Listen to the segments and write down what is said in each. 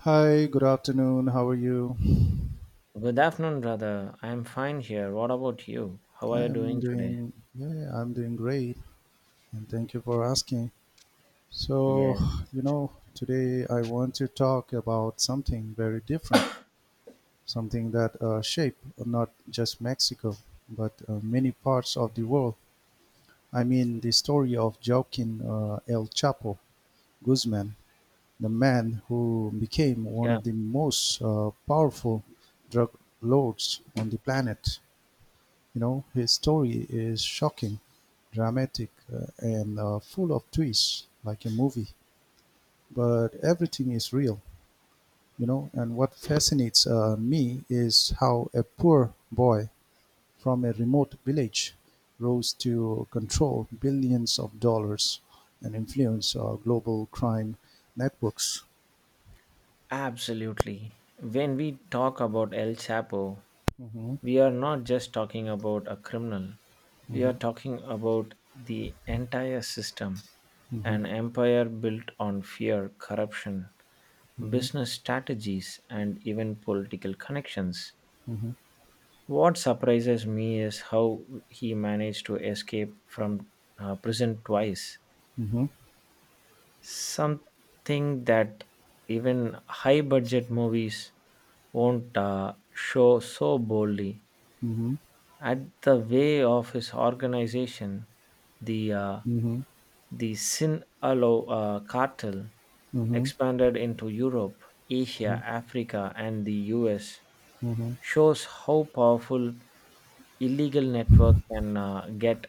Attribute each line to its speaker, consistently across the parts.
Speaker 1: Hi, good afternoon. How are you?
Speaker 2: Good afternoon, brother. I'm fine here. What about you? How are
Speaker 1: I
Speaker 2: you
Speaker 1: am
Speaker 2: doing today?
Speaker 1: doing, yeah, I'm doing great, and thank you for asking. So,
Speaker 2: Yes.
Speaker 1: you know, today I want to talk about something very different, something that shaped not just Mexico, but many parts of the world. I mean, the story of Joaquin El Chapo Guzman, the man who became one
Speaker 2: Yeah,
Speaker 1: of the most powerful drug lords on the planet. His story is shocking, dramatic and full of twists like a movie, but everything is real. And what fascinates me is how a poor boy from a remote village rose to control billions of dollars and influence global crime networks.
Speaker 2: absolutely. When we talk about El Chapo,
Speaker 1: Hmm.
Speaker 2: we are not just talking about a criminal. We are talking about the entire system,
Speaker 1: Hmm.
Speaker 2: an empire built on fear, corruption,
Speaker 1: Hmm.
Speaker 2: business strategies, and even political connections. What surprises me is how he managed to escape from prison twice.
Speaker 1: Hmm.
Speaker 2: Something that even high budget movies won't show so boldly.
Speaker 1: Hmm.
Speaker 2: At the way of his organization, the uh,
Speaker 1: Hmm.
Speaker 2: the Sinaloa cartel
Speaker 1: Hmm.
Speaker 2: expanded into Europe, Asia, Africa, and the US
Speaker 1: Hmm.
Speaker 2: shows how powerful illegal network can get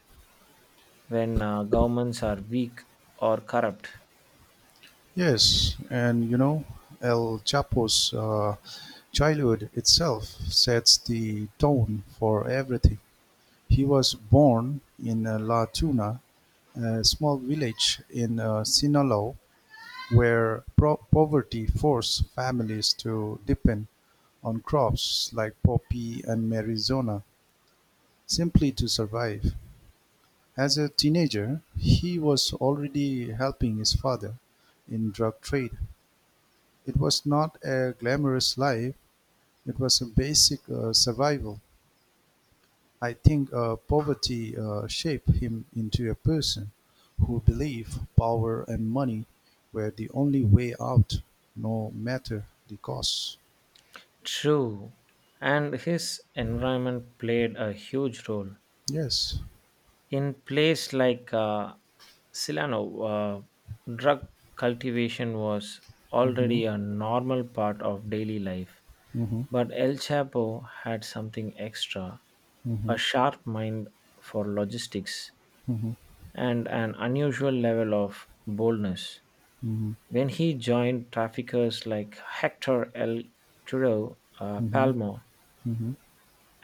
Speaker 2: when governments are weak or corrupt.
Speaker 1: Yes, and El Chapo's childhood itself sets the tone for everything. He was born in La Tuna, a small village in Sinaloa, where poverty forced families to depend on crops like poppy and marizona simply to survive. As a teenager, he was already helping his father in drug trade. It was not a glamorous life, it was a basic survival. I think poverty shaped him into a person who believed power and money were the only way out, no matter the cost.
Speaker 2: True, and his environment played a huge role.
Speaker 1: Yes.
Speaker 2: In place like Silano, drug cultivation was
Speaker 1: Mhm.
Speaker 2: already a normal part of daily life,
Speaker 1: Mhm.
Speaker 2: but El Chapo had something extra, a
Speaker 1: Mhm.
Speaker 2: sharp mind for logistics and an unusual level of boldness.
Speaker 1: Mhm.
Speaker 2: When he joined traffickers like Hector El Curo Palmo,
Speaker 1: Mhm. Mhm.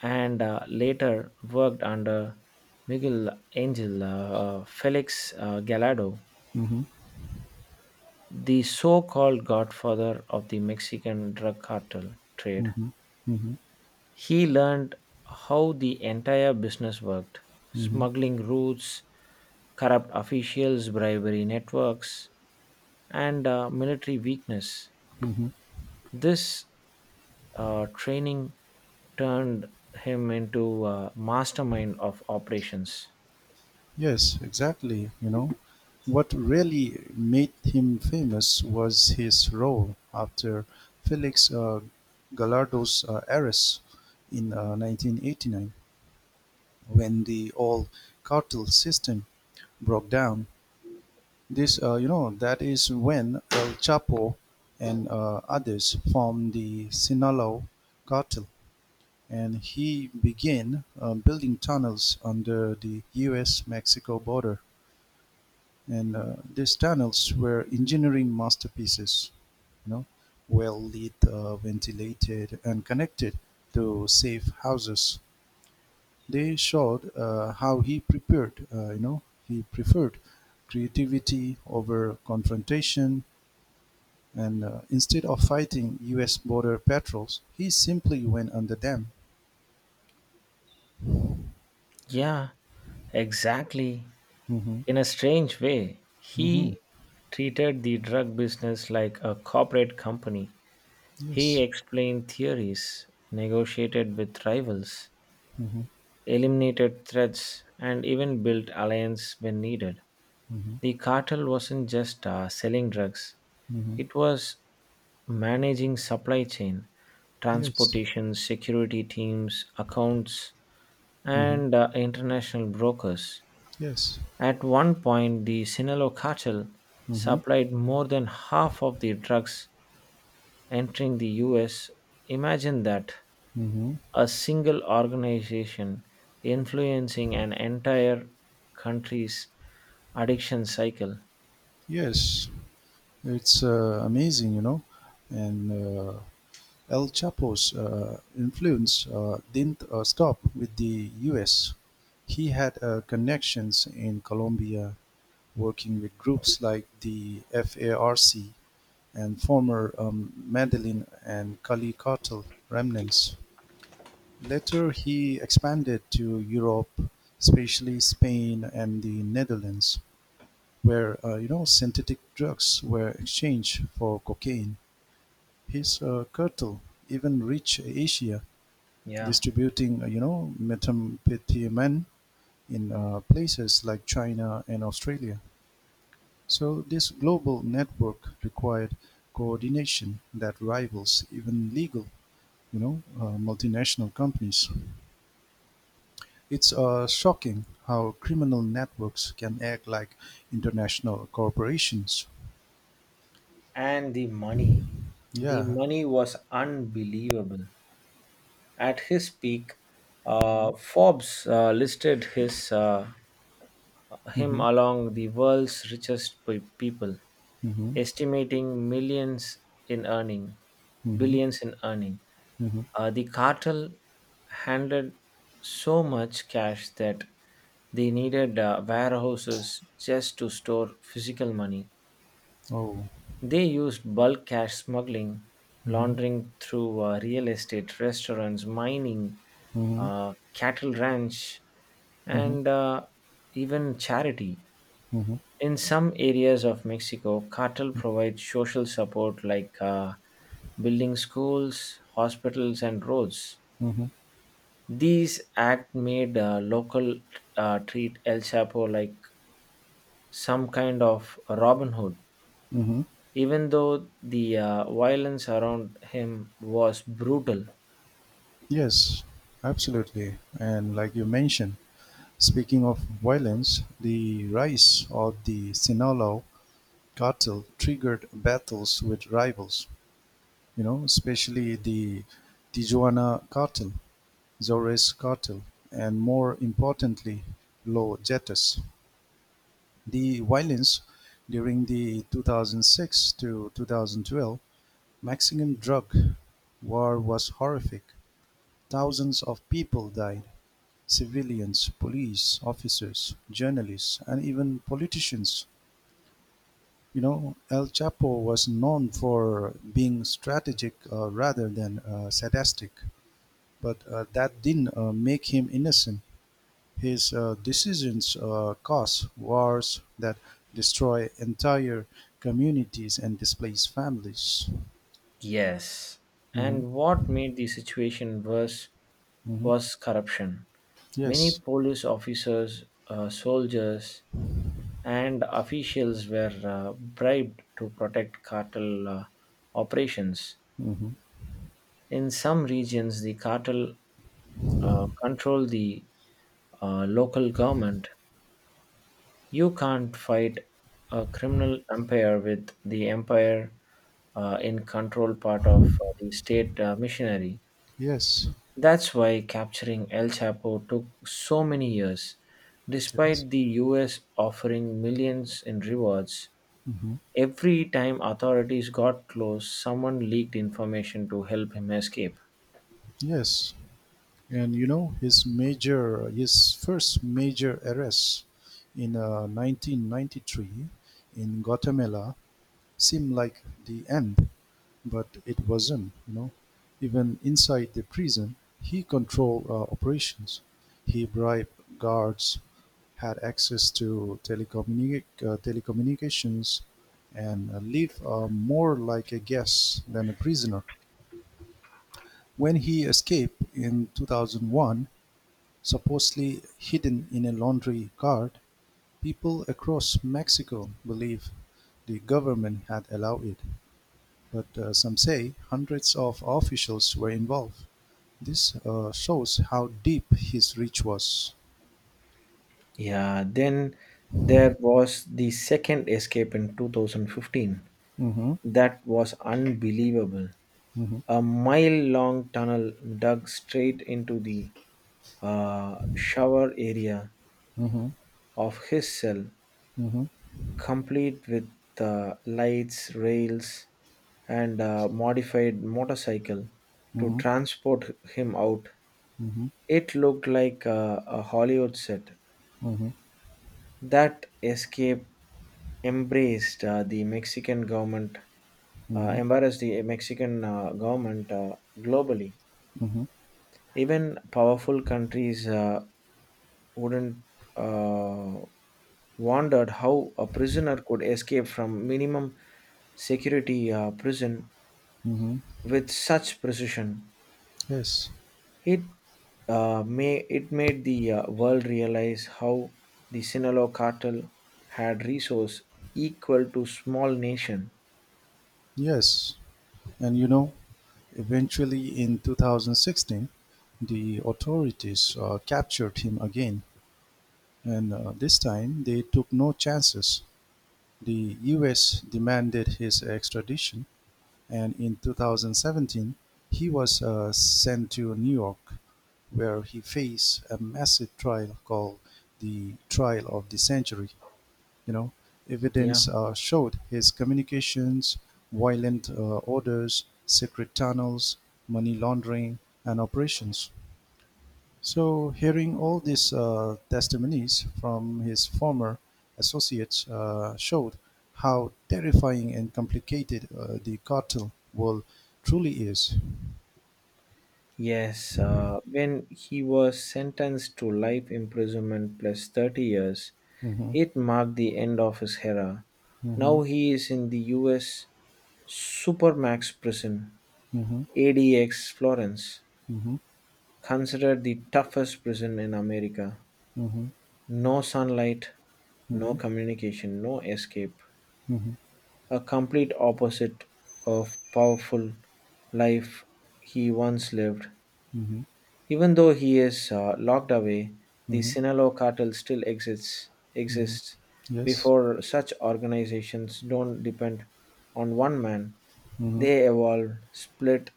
Speaker 2: and later worked under Miguel Angel Felix Gallardo,
Speaker 1: Mhm.
Speaker 2: the so called godfather of the Mexican drug cartel trade.
Speaker 1: Mhm. Mhm.
Speaker 2: He learned how the entire business worked:
Speaker 1: Mhm.
Speaker 2: smuggling routes, corrupt officials, bribery networks, and military weakness.
Speaker 1: Mhm.
Speaker 2: This training turned him into a mastermind of operations.
Speaker 1: Yes, exactly. You know, what really made him famous was his role after Felix Gallardo's arrest in 1989, when the old cartel system broke down. That is when El Chapo and others formed the Sinaloa cartel, and he began building tunnels under the U.S.-Mexico border. And these tunnels were engineering masterpieces. you know well lit, ventilated, and connected to safe houses. They showed how he prepared you know he preferred creativity over confrontation. And instead of fighting us border patrols, he simply went under them.
Speaker 2: Yeah, exactly.
Speaker 1: Hmm.
Speaker 2: In a strange way,
Speaker 1: Hmm.
Speaker 2: he treated the drug business like a corporate company. He
Speaker 1: Yes.
Speaker 2: explained theories, negotiated with rivals,
Speaker 1: Hmm.
Speaker 2: eliminated threats, and even built alliance when needed.
Speaker 1: Hmm.
Speaker 2: The cartel wasn't just selling drugs,
Speaker 1: Hmm.
Speaker 2: it was managing supply chain,
Speaker 1: Yes.
Speaker 2: transportation, security teams, accounts,
Speaker 1: Hmm.
Speaker 2: and international brokers.
Speaker 1: Yes.
Speaker 2: At one point, the Sinaloa cartel
Speaker 1: Hmm.
Speaker 2: supplied more than half of the drugs entering the US. Imagine that,
Speaker 1: Hmm.
Speaker 2: a single organization influencing an entire country's addiction cycle.
Speaker 1: Yes, it's amazing. And El Chapo's influence didn't stop with the U.S. He had connections in Colombia, working with groups like the FARC and former Medellin and Cali cartel remnants. Later, he expanded to Europe, especially Spain and the Netherlands, where synthetic drugs were exchanged for cocaine. He saw Kertel even reach Asia,
Speaker 2: Yeah.
Speaker 1: distributing methamphetamine in places like China and Australia. So this global network required coordination that rivals even legal, multinational companies. It's shocking how criminal networks can act like international corporations.
Speaker 2: And the money. The
Speaker 1: Yeah.
Speaker 2: money was unbelievable. At his peak,
Speaker 1: Mhm.
Speaker 2: Forbes listed his him
Speaker 1: Mhm.
Speaker 2: along the world's richest people,
Speaker 1: Mhm.
Speaker 2: estimating millions in earning,
Speaker 1: Mhm.
Speaker 2: billions in earning.
Speaker 1: Mhm.
Speaker 2: The cartel handled so much cash that they needed warehouses just to store physical money.
Speaker 1: Oh.
Speaker 2: They used bulk cash smuggling,
Speaker 1: Mhm.
Speaker 2: laundering through real estate, restaurants, mining,
Speaker 1: Mhm.
Speaker 2: cattle ranch,
Speaker 1: Mhm.
Speaker 2: and even charity.
Speaker 1: Mhm.
Speaker 2: In some areas of Mexico, cartel provides social support like building schools, hospitals, and roads.
Speaker 1: Mm-hmm.
Speaker 2: These act made local treat El Chapo like some kind of Robin Hood,
Speaker 1: Mm-hmm.
Speaker 2: even though the violence around him was brutal.
Speaker 1: Yes, absolutely. And like you mentioned, speaking of violence, the rise of the Sinaloa cartel triggered battles with rivals, especially the Tijuana cartel, Zores cartel, and more importantly, Los Jetas. The violence during the 2006 to 2012 Mexican drug war was horrific. Thousands of people died: civilians, police officers, journalists, and even politicians. You know, El Chapo was known for being strategic rather than sadistic, but that didn't make him innocent. His decisions cause wars that destroy entire communities and displace families.
Speaker 2: Yes.
Speaker 1: Hmm.
Speaker 2: And what made the situation worse
Speaker 1: Hmm.
Speaker 2: was corruption. Many
Speaker 1: Yes.
Speaker 2: police officers, soldiers, and officials were bribed to protect cartel operations.
Speaker 1: Hmm.
Speaker 2: In some regions, the cartel control the local government. You can't fight a criminal empire with the empire in control part of the state missionary.
Speaker 1: Yes.
Speaker 2: That's why capturing El Chapo took so many years.
Speaker 1: Yes.
Speaker 2: Despite the US offering millions in rewards,
Speaker 1: Hmm.
Speaker 2: every time authorities got close, someone leaked information to help him escape.
Speaker 1: Yes. And you know, his his first major arrest in 1993 in Guatemala seemed like the end, but it wasn't. You know, even inside the prison, he controlled operations. He bribed guards, had access to telecommunications, and lived more like a guest than a prisoner. When he escaped in 2001, supposedly hidden in a laundry cart, people across Mexico believe the government had allowed it, but some say hundreds of officials were involved. This shows how deep his reach was.
Speaker 2: Yeah, then there was the second escape in 2015.
Speaker 1: Mm-hmm.
Speaker 2: That was unbelievable.
Speaker 1: Mm-hmm.
Speaker 2: A mile long tunnel dug straight into the shower area of his cell,
Speaker 1: Mm-hmm.
Speaker 2: complete with lights, rails, and a modified motorcycle to
Speaker 1: Mm-hmm.
Speaker 2: transport him out.
Speaker 1: Mm-hmm.
Speaker 2: It looked like a Hollywood set.
Speaker 1: Mm-hmm. Mm-hmm.
Speaker 2: That escape embraced the Mexican government,
Speaker 1: Mm-hmm.
Speaker 2: embarrassed the Mexican government globally.
Speaker 1: Mm-hmm.
Speaker 2: Even powerful countries wouldn't uh, wondered how a prisoner could escape from minimum security prison
Speaker 1: Mm-hmm.
Speaker 2: with such precision.
Speaker 1: Yes.
Speaker 2: It it made the world realize how the Sinaloa cartel had resource equal to small nation.
Speaker 1: Yes. And eventually in 2016, the authorities captured him again. And this time they took no chances. The US demanded his extradition, and in 2017, he was sent to New York, where he faced a massive trial called the Trial of the Century. You know,
Speaker 2: Yeah.
Speaker 1: evidence showed his communications, violent orders, secret tunnels, money laundering, and operations, so hearing all these testimonies from his former associates showed how terrifying and complicated the cartel world truly is.
Speaker 2: Yes. When he was sentenced to life imprisonment plus 30 years,
Speaker 1: Mhm.
Speaker 2: it marked the end of his era. Now
Speaker 1: Mhm.
Speaker 2: he is in the U.S. Supermax prison,
Speaker 1: Mhm.
Speaker 2: ADX Florence,
Speaker 1: Mhm.
Speaker 2: considered the toughest prison in America.
Speaker 1: Mhm.
Speaker 2: No sunlight, no
Speaker 1: Mhm.
Speaker 2: communication, no escape. A complete opposite of powerful life he once lived.
Speaker 1: Mhm.
Speaker 2: Even though he is locked away, the
Speaker 1: Mhm.
Speaker 2: Sinaloa cartel still exists.
Speaker 1: Mhm.
Speaker 2: Exists
Speaker 1: Yes.
Speaker 2: before such organizations don't depend on one man.
Speaker 1: Hmm.
Speaker 2: They evolve, split,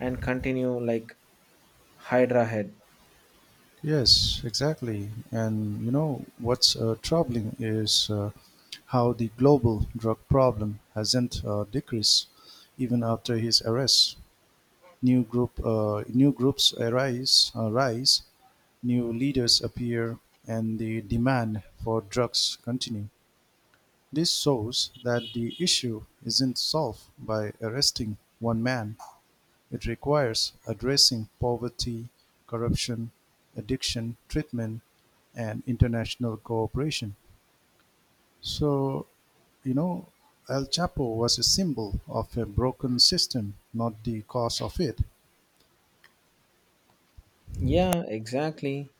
Speaker 2: and continue like Hydra head.
Speaker 1: Yes, exactly. And what's troubling is how the global drug problem hasn't decreased even after his arrest. New groups arise, new leaders appear, and the demand for drugs continue. This shows that the issue isn't solved by arresting one man. It requires addressing poverty, corruption, addiction treatment, and international cooperation. So, you know, El Chapo was a symbol of a broken system, not the cause of it.
Speaker 2: Yeah, exactly.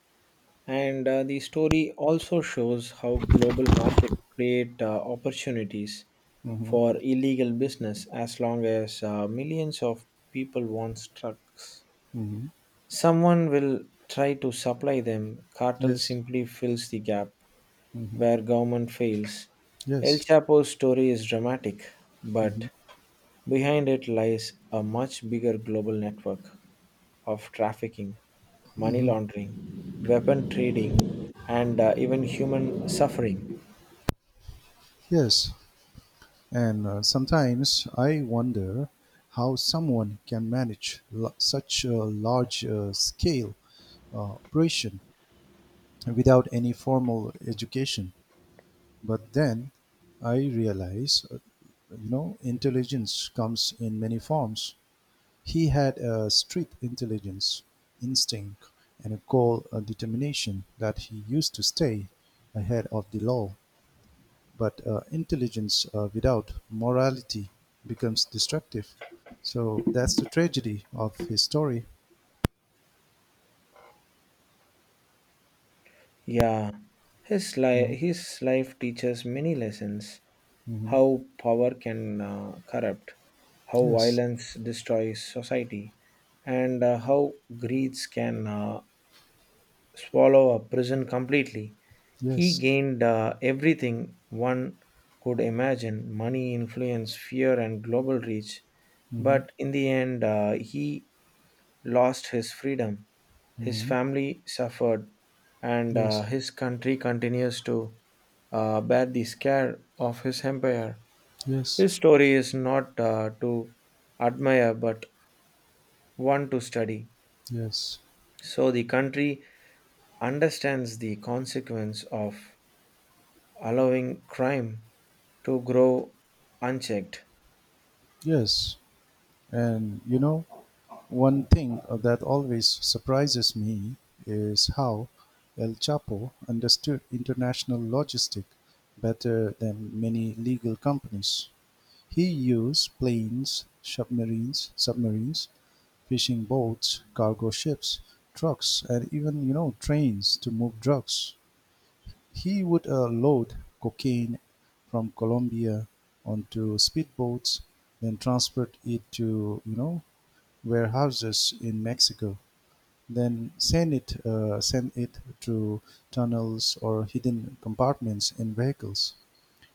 Speaker 2: And the story also shows how global markets create opportunities
Speaker 1: Hmm.
Speaker 2: for illegal business. As long as millions of people want trucks,
Speaker 1: Hmm.
Speaker 2: someone will try to supply them. Cartel
Speaker 1: Yes.
Speaker 2: simply fills the gap where government fails. El
Speaker 1: Yes.
Speaker 2: Chapo's story is dramatic, but behind it lies a much bigger global network of trafficking, money
Speaker 1: Hmm.
Speaker 2: laundering, weapon trading, and even human suffering.
Speaker 1: Yes. And sometimes I wonder how someone can manage such a large scale operation without any formal education. But then I realize, intelligence comes in many forms. He had a street intelligence, instinct, and a goal determination that he used to stay ahead of the law. But intelligence without morality becomes destructive. So that's the tragedy of his story.
Speaker 2: Yeah, his, li-
Speaker 1: Hmm.
Speaker 2: his life teaches many lessons:
Speaker 1: Hmm.
Speaker 2: how power can corrupt, how
Speaker 1: Yes.
Speaker 2: violence destroys society, and how greed can swallow a prison completely. He
Speaker 1: Yes.
Speaker 2: gained everything one could imagine: money, influence, fear, and global reach.
Speaker 1: Hmm.
Speaker 2: But in the end, he lost his freedom. His
Speaker 1: Hmm.
Speaker 2: family suffered, and
Speaker 1: Yes.
Speaker 2: his country continues to bear the scare of his empire.
Speaker 1: Yes.
Speaker 2: His story is not to admire but one to study,
Speaker 1: Yes.
Speaker 2: so the country understands the consequence of allowing crime to grow unchecked.
Speaker 1: yes. And one thing that always surprises me is how El Chapo understood international logistic better than many legal companies. He used planes, submarines, fishing boats, cargo ships, trucks, and even trains to move drugs. He would load cocaine from Colombia onto speedboats, then transport it to warehouses in Mexico, then send it to tunnels or hidden compartments in vehicles.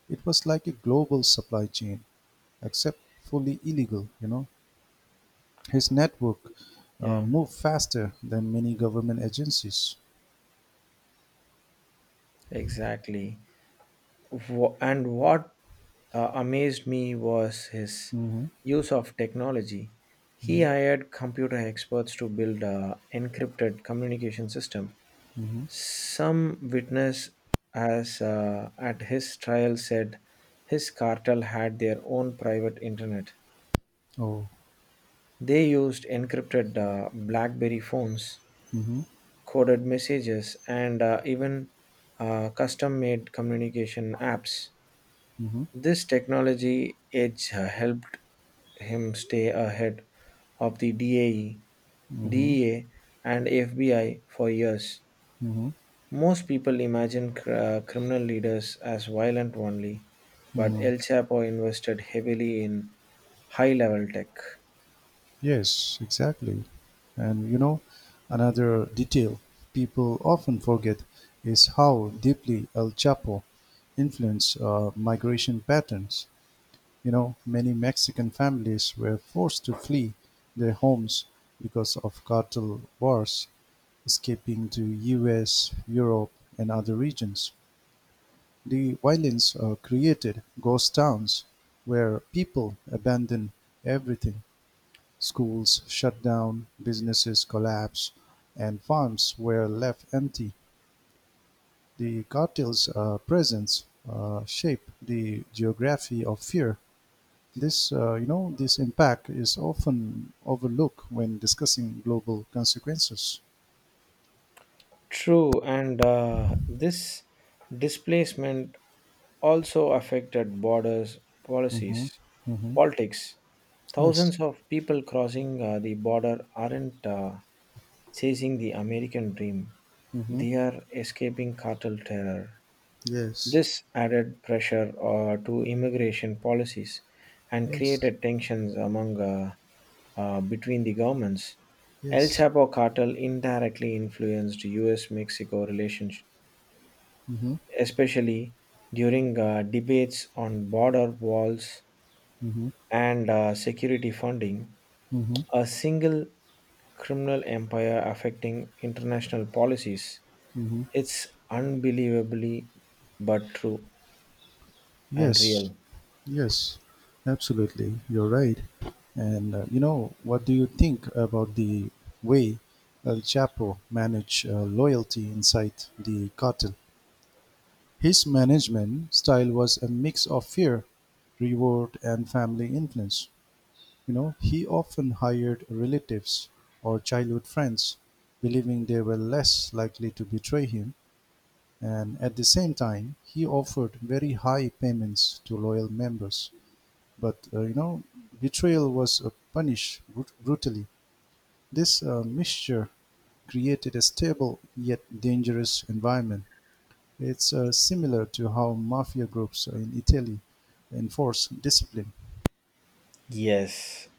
Speaker 1: It was like a global supply chain, except fully illegal. His network
Speaker 2: Yeah,
Speaker 1: moved faster than many government agencies.
Speaker 2: exactly. And what amazed me was his
Speaker 1: Hmm.
Speaker 2: use of technology. He hired computer experts to build a encrypted communication system.
Speaker 1: Hmm.
Speaker 2: Some witness, as at his trial, said his cartel had their own private internet.
Speaker 1: Oh.
Speaker 2: They used encrypted BlackBerry phones,
Speaker 1: Hmm.
Speaker 2: coded messages, and even custom made communication apps.
Speaker 1: Hmm.
Speaker 2: This technology edge helped him stay ahead of the
Speaker 1: Hmm.
Speaker 2: DEA, and FBI for years.
Speaker 1: Hmm.
Speaker 2: Most people imagine criminal leaders as violent only, but
Speaker 1: Mm.
Speaker 2: El Chapo invested heavily in high level tech.
Speaker 1: Yes, exactly. And another detail people often forget is how deeply El Chapo influenced migration patterns. You know, many Mexican families were forced to flee their homes because of cartel wars, escaping to US, Europe, and other regions. The violence created ghost towns where people abandon everything. Schools shut down, businesses collapse, and farms were left empty. The cartel's presence shaped the geography of fear. This impact is often overlooked when discussing global consequences.
Speaker 2: True, and this displacement also affected borders,
Speaker 1: Hmm.
Speaker 2: policies,
Speaker 1: Hmm.
Speaker 2: politics.
Speaker 1: Yes.
Speaker 2: Thousands of people crossing the border aren't chasing the American dream,
Speaker 1: Hmm.
Speaker 2: they are escaping cartel terror.
Speaker 1: Yes.
Speaker 2: This added pressure to immigration policies and
Speaker 1: Yes.
Speaker 2: created tensions among between the governments. El
Speaker 1: Yes.
Speaker 2: Chapo cartel indirectly influenced U.S.-Mexico relations,
Speaker 1: Mhm.
Speaker 2: especially during debates on border walls
Speaker 1: Mhm.
Speaker 2: and security funding.
Speaker 1: Mhm.
Speaker 2: A single criminal empire affecting international policies.
Speaker 1: Mhm.
Speaker 2: It's unbelievably but true and
Speaker 1: Yes,
Speaker 2: real.
Speaker 1: yes, absolutely. You're right. And what do you think about the way El Chapo managed loyalty inside the cartel? His management style was a mix of fear, reward, and family influence. You know, he often hired relatives or childhood friends, believing they were less likely to betray him, and at the same time he offered very high payments to loyal members. But betrayal was punished brutally. This mixture created a stable yet dangerous environment. It's similar to how mafia groups in Italy enforce discipline.
Speaker 2: Yes,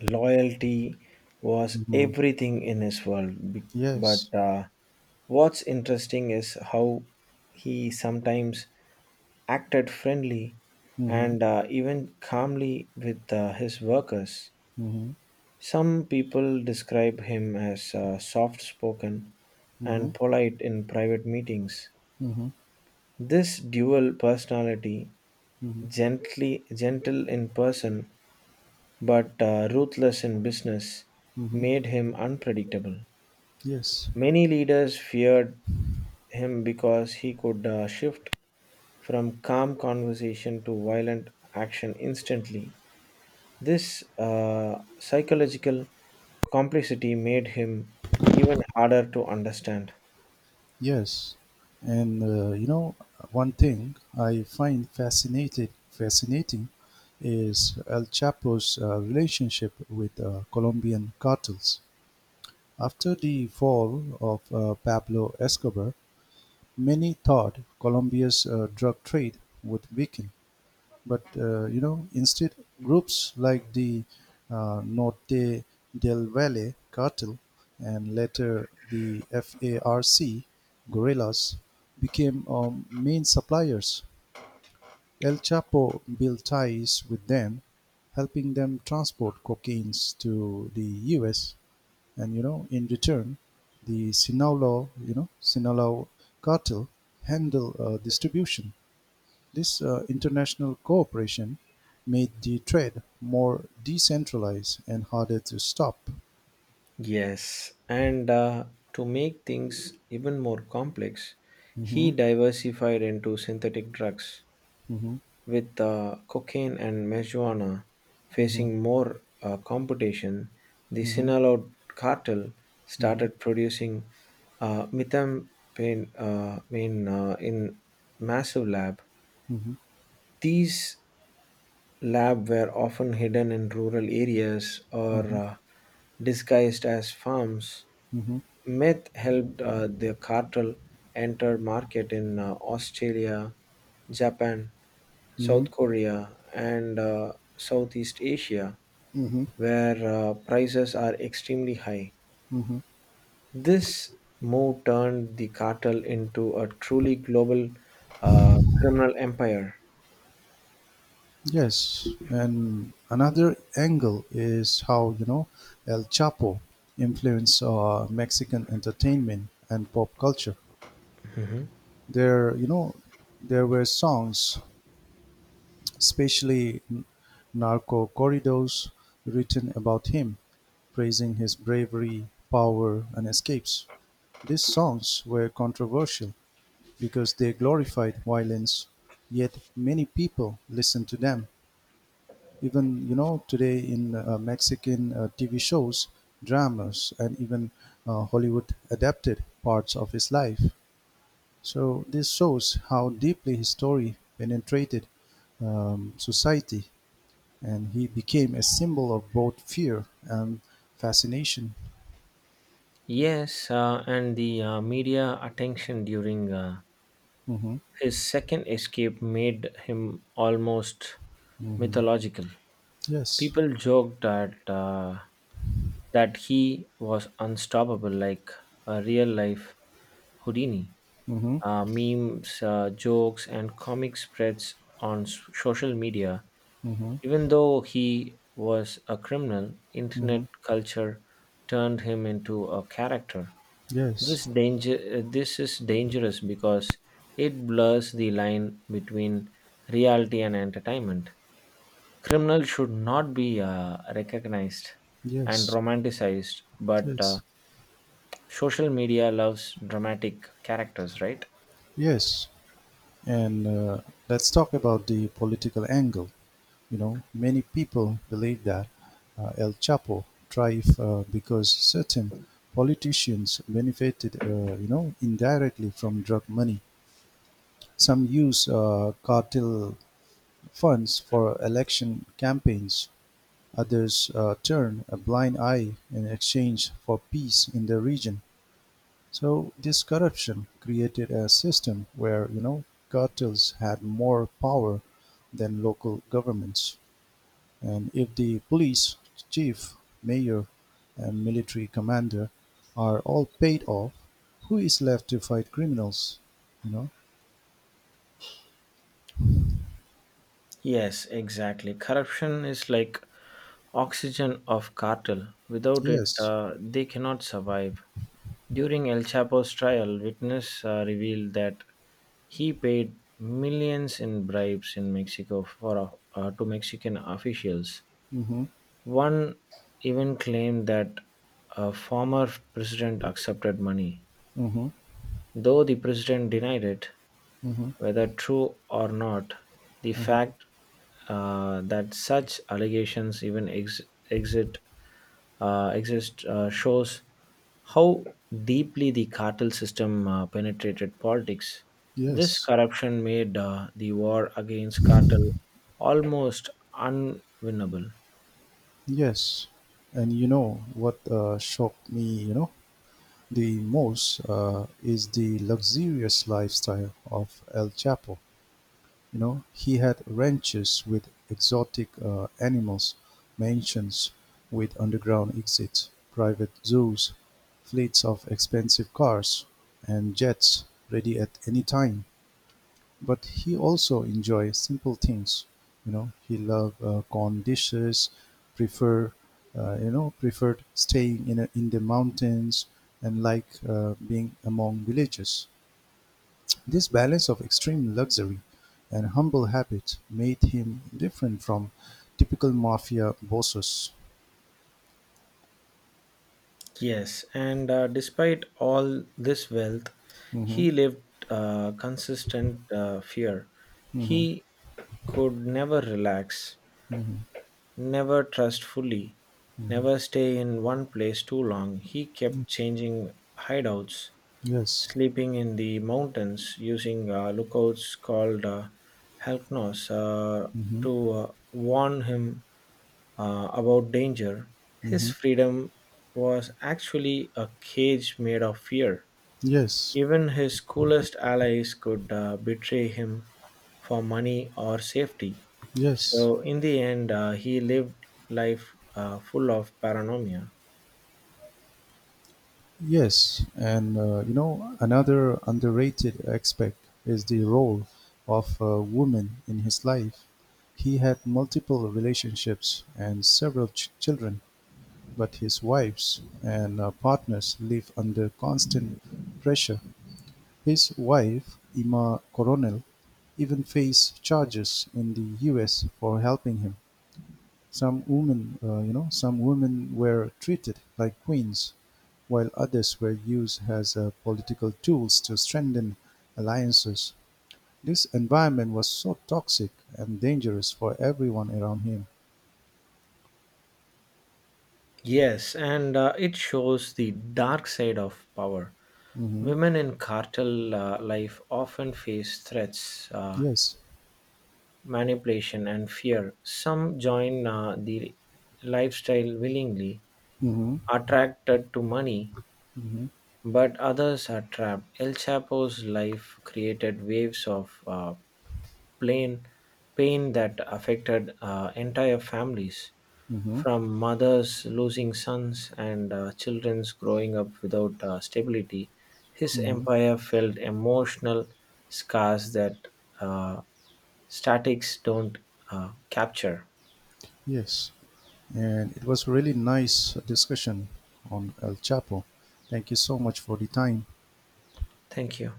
Speaker 2: loyalty was
Speaker 1: Hmm.
Speaker 2: everything in his world. Be-
Speaker 1: Yes.
Speaker 2: But uh, what's interesting is how he sometimes acted friendly
Speaker 1: Hmm.
Speaker 2: and even calmly with his workers.
Speaker 1: Hmm.
Speaker 2: Some people describe him as soft spoken
Speaker 1: Hmm.
Speaker 2: and polite in private meetings.
Speaker 1: Hmm.
Speaker 2: This dual personality,
Speaker 1: Hmm.
Speaker 2: gently gentle in person but ruthless in business,
Speaker 1: Hmm.
Speaker 2: made him unpredictable.
Speaker 1: Yes.
Speaker 2: Many leaders feared him because he could shift from calm conversation to violent action instantly. This psychological complexity made him even harder to understand.
Speaker 1: Yes, and one thing I find fascinated fascinating is El Chapo's relationship with Colombian cartels. After the fall of Pablo Escobar, many thought Colombia's drug trade would weaken, but instead, groups like the Norte del Valle cartel and later the FARC guerrillas became main suppliers. El Chapo built ties with them, helping them transport cocaines to the U.S. And in return, the Sinaloa cartel handle distribution. This international cooperation made the trade more decentralized and harder to stop.
Speaker 2: Yes, and to make things even more complex, he
Speaker 1: Mhm.
Speaker 2: diversified into synthetic drugs.
Speaker 1: Mhm.
Speaker 2: With cocaine and marijuana
Speaker 1: Mhm.
Speaker 2: facing more competition, the
Speaker 1: Mhm.
Speaker 2: Sinaloa cartel
Speaker 1: Mhm.
Speaker 2: started producing methamphetamine in massive lab.
Speaker 1: Mhm.
Speaker 2: These labs were often hidden in rural areas or
Speaker 1: Mhm.
Speaker 2: disguised as farms.
Speaker 1: Mhm.
Speaker 2: Meth helped the cartel enter market in Australia, Japan,
Speaker 1: Mhm.
Speaker 2: South Korea, and Southeast Asia,
Speaker 1: Mhm.
Speaker 2: where prices are extremely high.
Speaker 1: Mhm.
Speaker 2: This move turned the cartel into a truly global criminal empire.
Speaker 1: Yes, and another angle is how El Chapo influenced Mexican entertainment and pop culture. There, you know, there were songs, especially in narco corridos, written about him, praising his bravery, power, and escapes. These songs were controversial because they glorified violence, yet many people listened to them. Even today in Mexican TV shows, dramas, and even Hollywood adapted parts of his life. So this shows how deeply his story penetrated society, and he became a symbol of both fear and fascination.
Speaker 2: Yes, and the media attention during
Speaker 1: Hmm.
Speaker 2: his second escape made him almost
Speaker 1: Hmm.
Speaker 2: mythological.
Speaker 1: Yes.
Speaker 2: People joked that he was unstoppable, like a real life Houdini.
Speaker 1: Hmm.
Speaker 2: Memes, jokes, and comic spreads on social media.
Speaker 1: Hmm.
Speaker 2: Even though he was a criminal, internet
Speaker 1: Hmm.
Speaker 2: culture turned him into a character.
Speaker 1: Yes.
Speaker 2: This is dangerous because it blurs the line between reality and entertainment. Criminals should not be recognized and
Speaker 1: Yes.
Speaker 2: romanticized, but
Speaker 1: Yes.
Speaker 2: social media loves dramatic characters, right?
Speaker 1: Yes. And let's talk about the political angle. You know, many people believe that El Chapo thrived because certain politicians benefited, indirectly from drug money. Some use cartel funds for election campaigns. Others turn a blind eye in exchange for peace in the region. So this corruption created a system where cartels had more power than local governments. And if the police chief, mayor, and military commander are all paid off, who is left to fight criminals? You know?
Speaker 2: Yes, exactly. Corruption is like oxygen of cartel. Without it,
Speaker 1: Yes.
Speaker 2: they cannot survive. During El Chapo's trial, witness revealed that he paid millions in bribes in Mexico for to Mexican officials.
Speaker 1: Mm-hmm.
Speaker 2: One even claimed that a former president accepted money.
Speaker 1: Mm-hmm.
Speaker 2: Though the president denied it,
Speaker 1: Mm-hmm.
Speaker 2: whether true or not, the
Speaker 1: Mm-hmm.
Speaker 2: fact that such allegations even exit, exist shows how deeply the cartel system penetrated politics. This
Speaker 1: Yes.
Speaker 2: corruption made the war against cartel almost unwinnable.
Speaker 1: Yes, and what shocked me, the most is the luxurious lifestyle of El Chapo. You know, he had ranches with exotic animals, mansions with underground exits, private zoos, fleets of expensive cars and jets ready at any time. But he also enjoys simple things. You know, he love corn dishes, prefer preferred staying in in the mountains, and like being among villages. This balance of extreme luxury and humble habit made him different from typical mafia bosses.
Speaker 2: Yes, and despite all this wealth,
Speaker 1: Hmm.
Speaker 2: he lived consistent fear.
Speaker 1: Hmm.
Speaker 2: He could never relax,
Speaker 1: Hmm.
Speaker 2: never trust fully,
Speaker 1: Hmm.
Speaker 2: never stay in one place too long. He kept changing hideouts,
Speaker 1: Yes.
Speaker 2: sleeping in the mountains using lookouts called Halknos
Speaker 1: Hmm.
Speaker 2: to warn him about danger. His
Speaker 1: Hmm.
Speaker 2: freedom was actually a cage made of fear.
Speaker 1: Yes.
Speaker 2: Even his coolest allies could betray him for money or safety.
Speaker 1: Yes.
Speaker 2: So, in the end, he lived life full of paranoia.
Speaker 1: Yes, and another underrated aspect is the role of a woman in his life. He had multiple relationships and several children, but his wives and partners live under constant pressure. His wife, Ima Coronel, even faced charges in the US for helping him. Some women were treated like queens, while others were used as political tools to strengthen alliances. This environment was so toxic and dangerous for everyone around him.
Speaker 2: Yes, and it shows the dark side of power.
Speaker 1: Hmm.
Speaker 2: Women in cartel life often face threats,
Speaker 1: Yes.
Speaker 2: manipulation, and fear. Some join the lifestyle willingly,
Speaker 1: Hmm.
Speaker 2: attracted to money,
Speaker 1: Hmm.
Speaker 2: but others are trapped. El Chapo's life created waves of plain pain that affected entire families,
Speaker 1: Hmm.
Speaker 2: from mothers losing sons and children's growing up without stability. His
Speaker 1: Hmm.
Speaker 2: empire felt emotional scars that uh, statics don't capture.
Speaker 1: Yes. And it was really nice discussion on El Chapo. Thank you so much for the time.
Speaker 2: Thank you.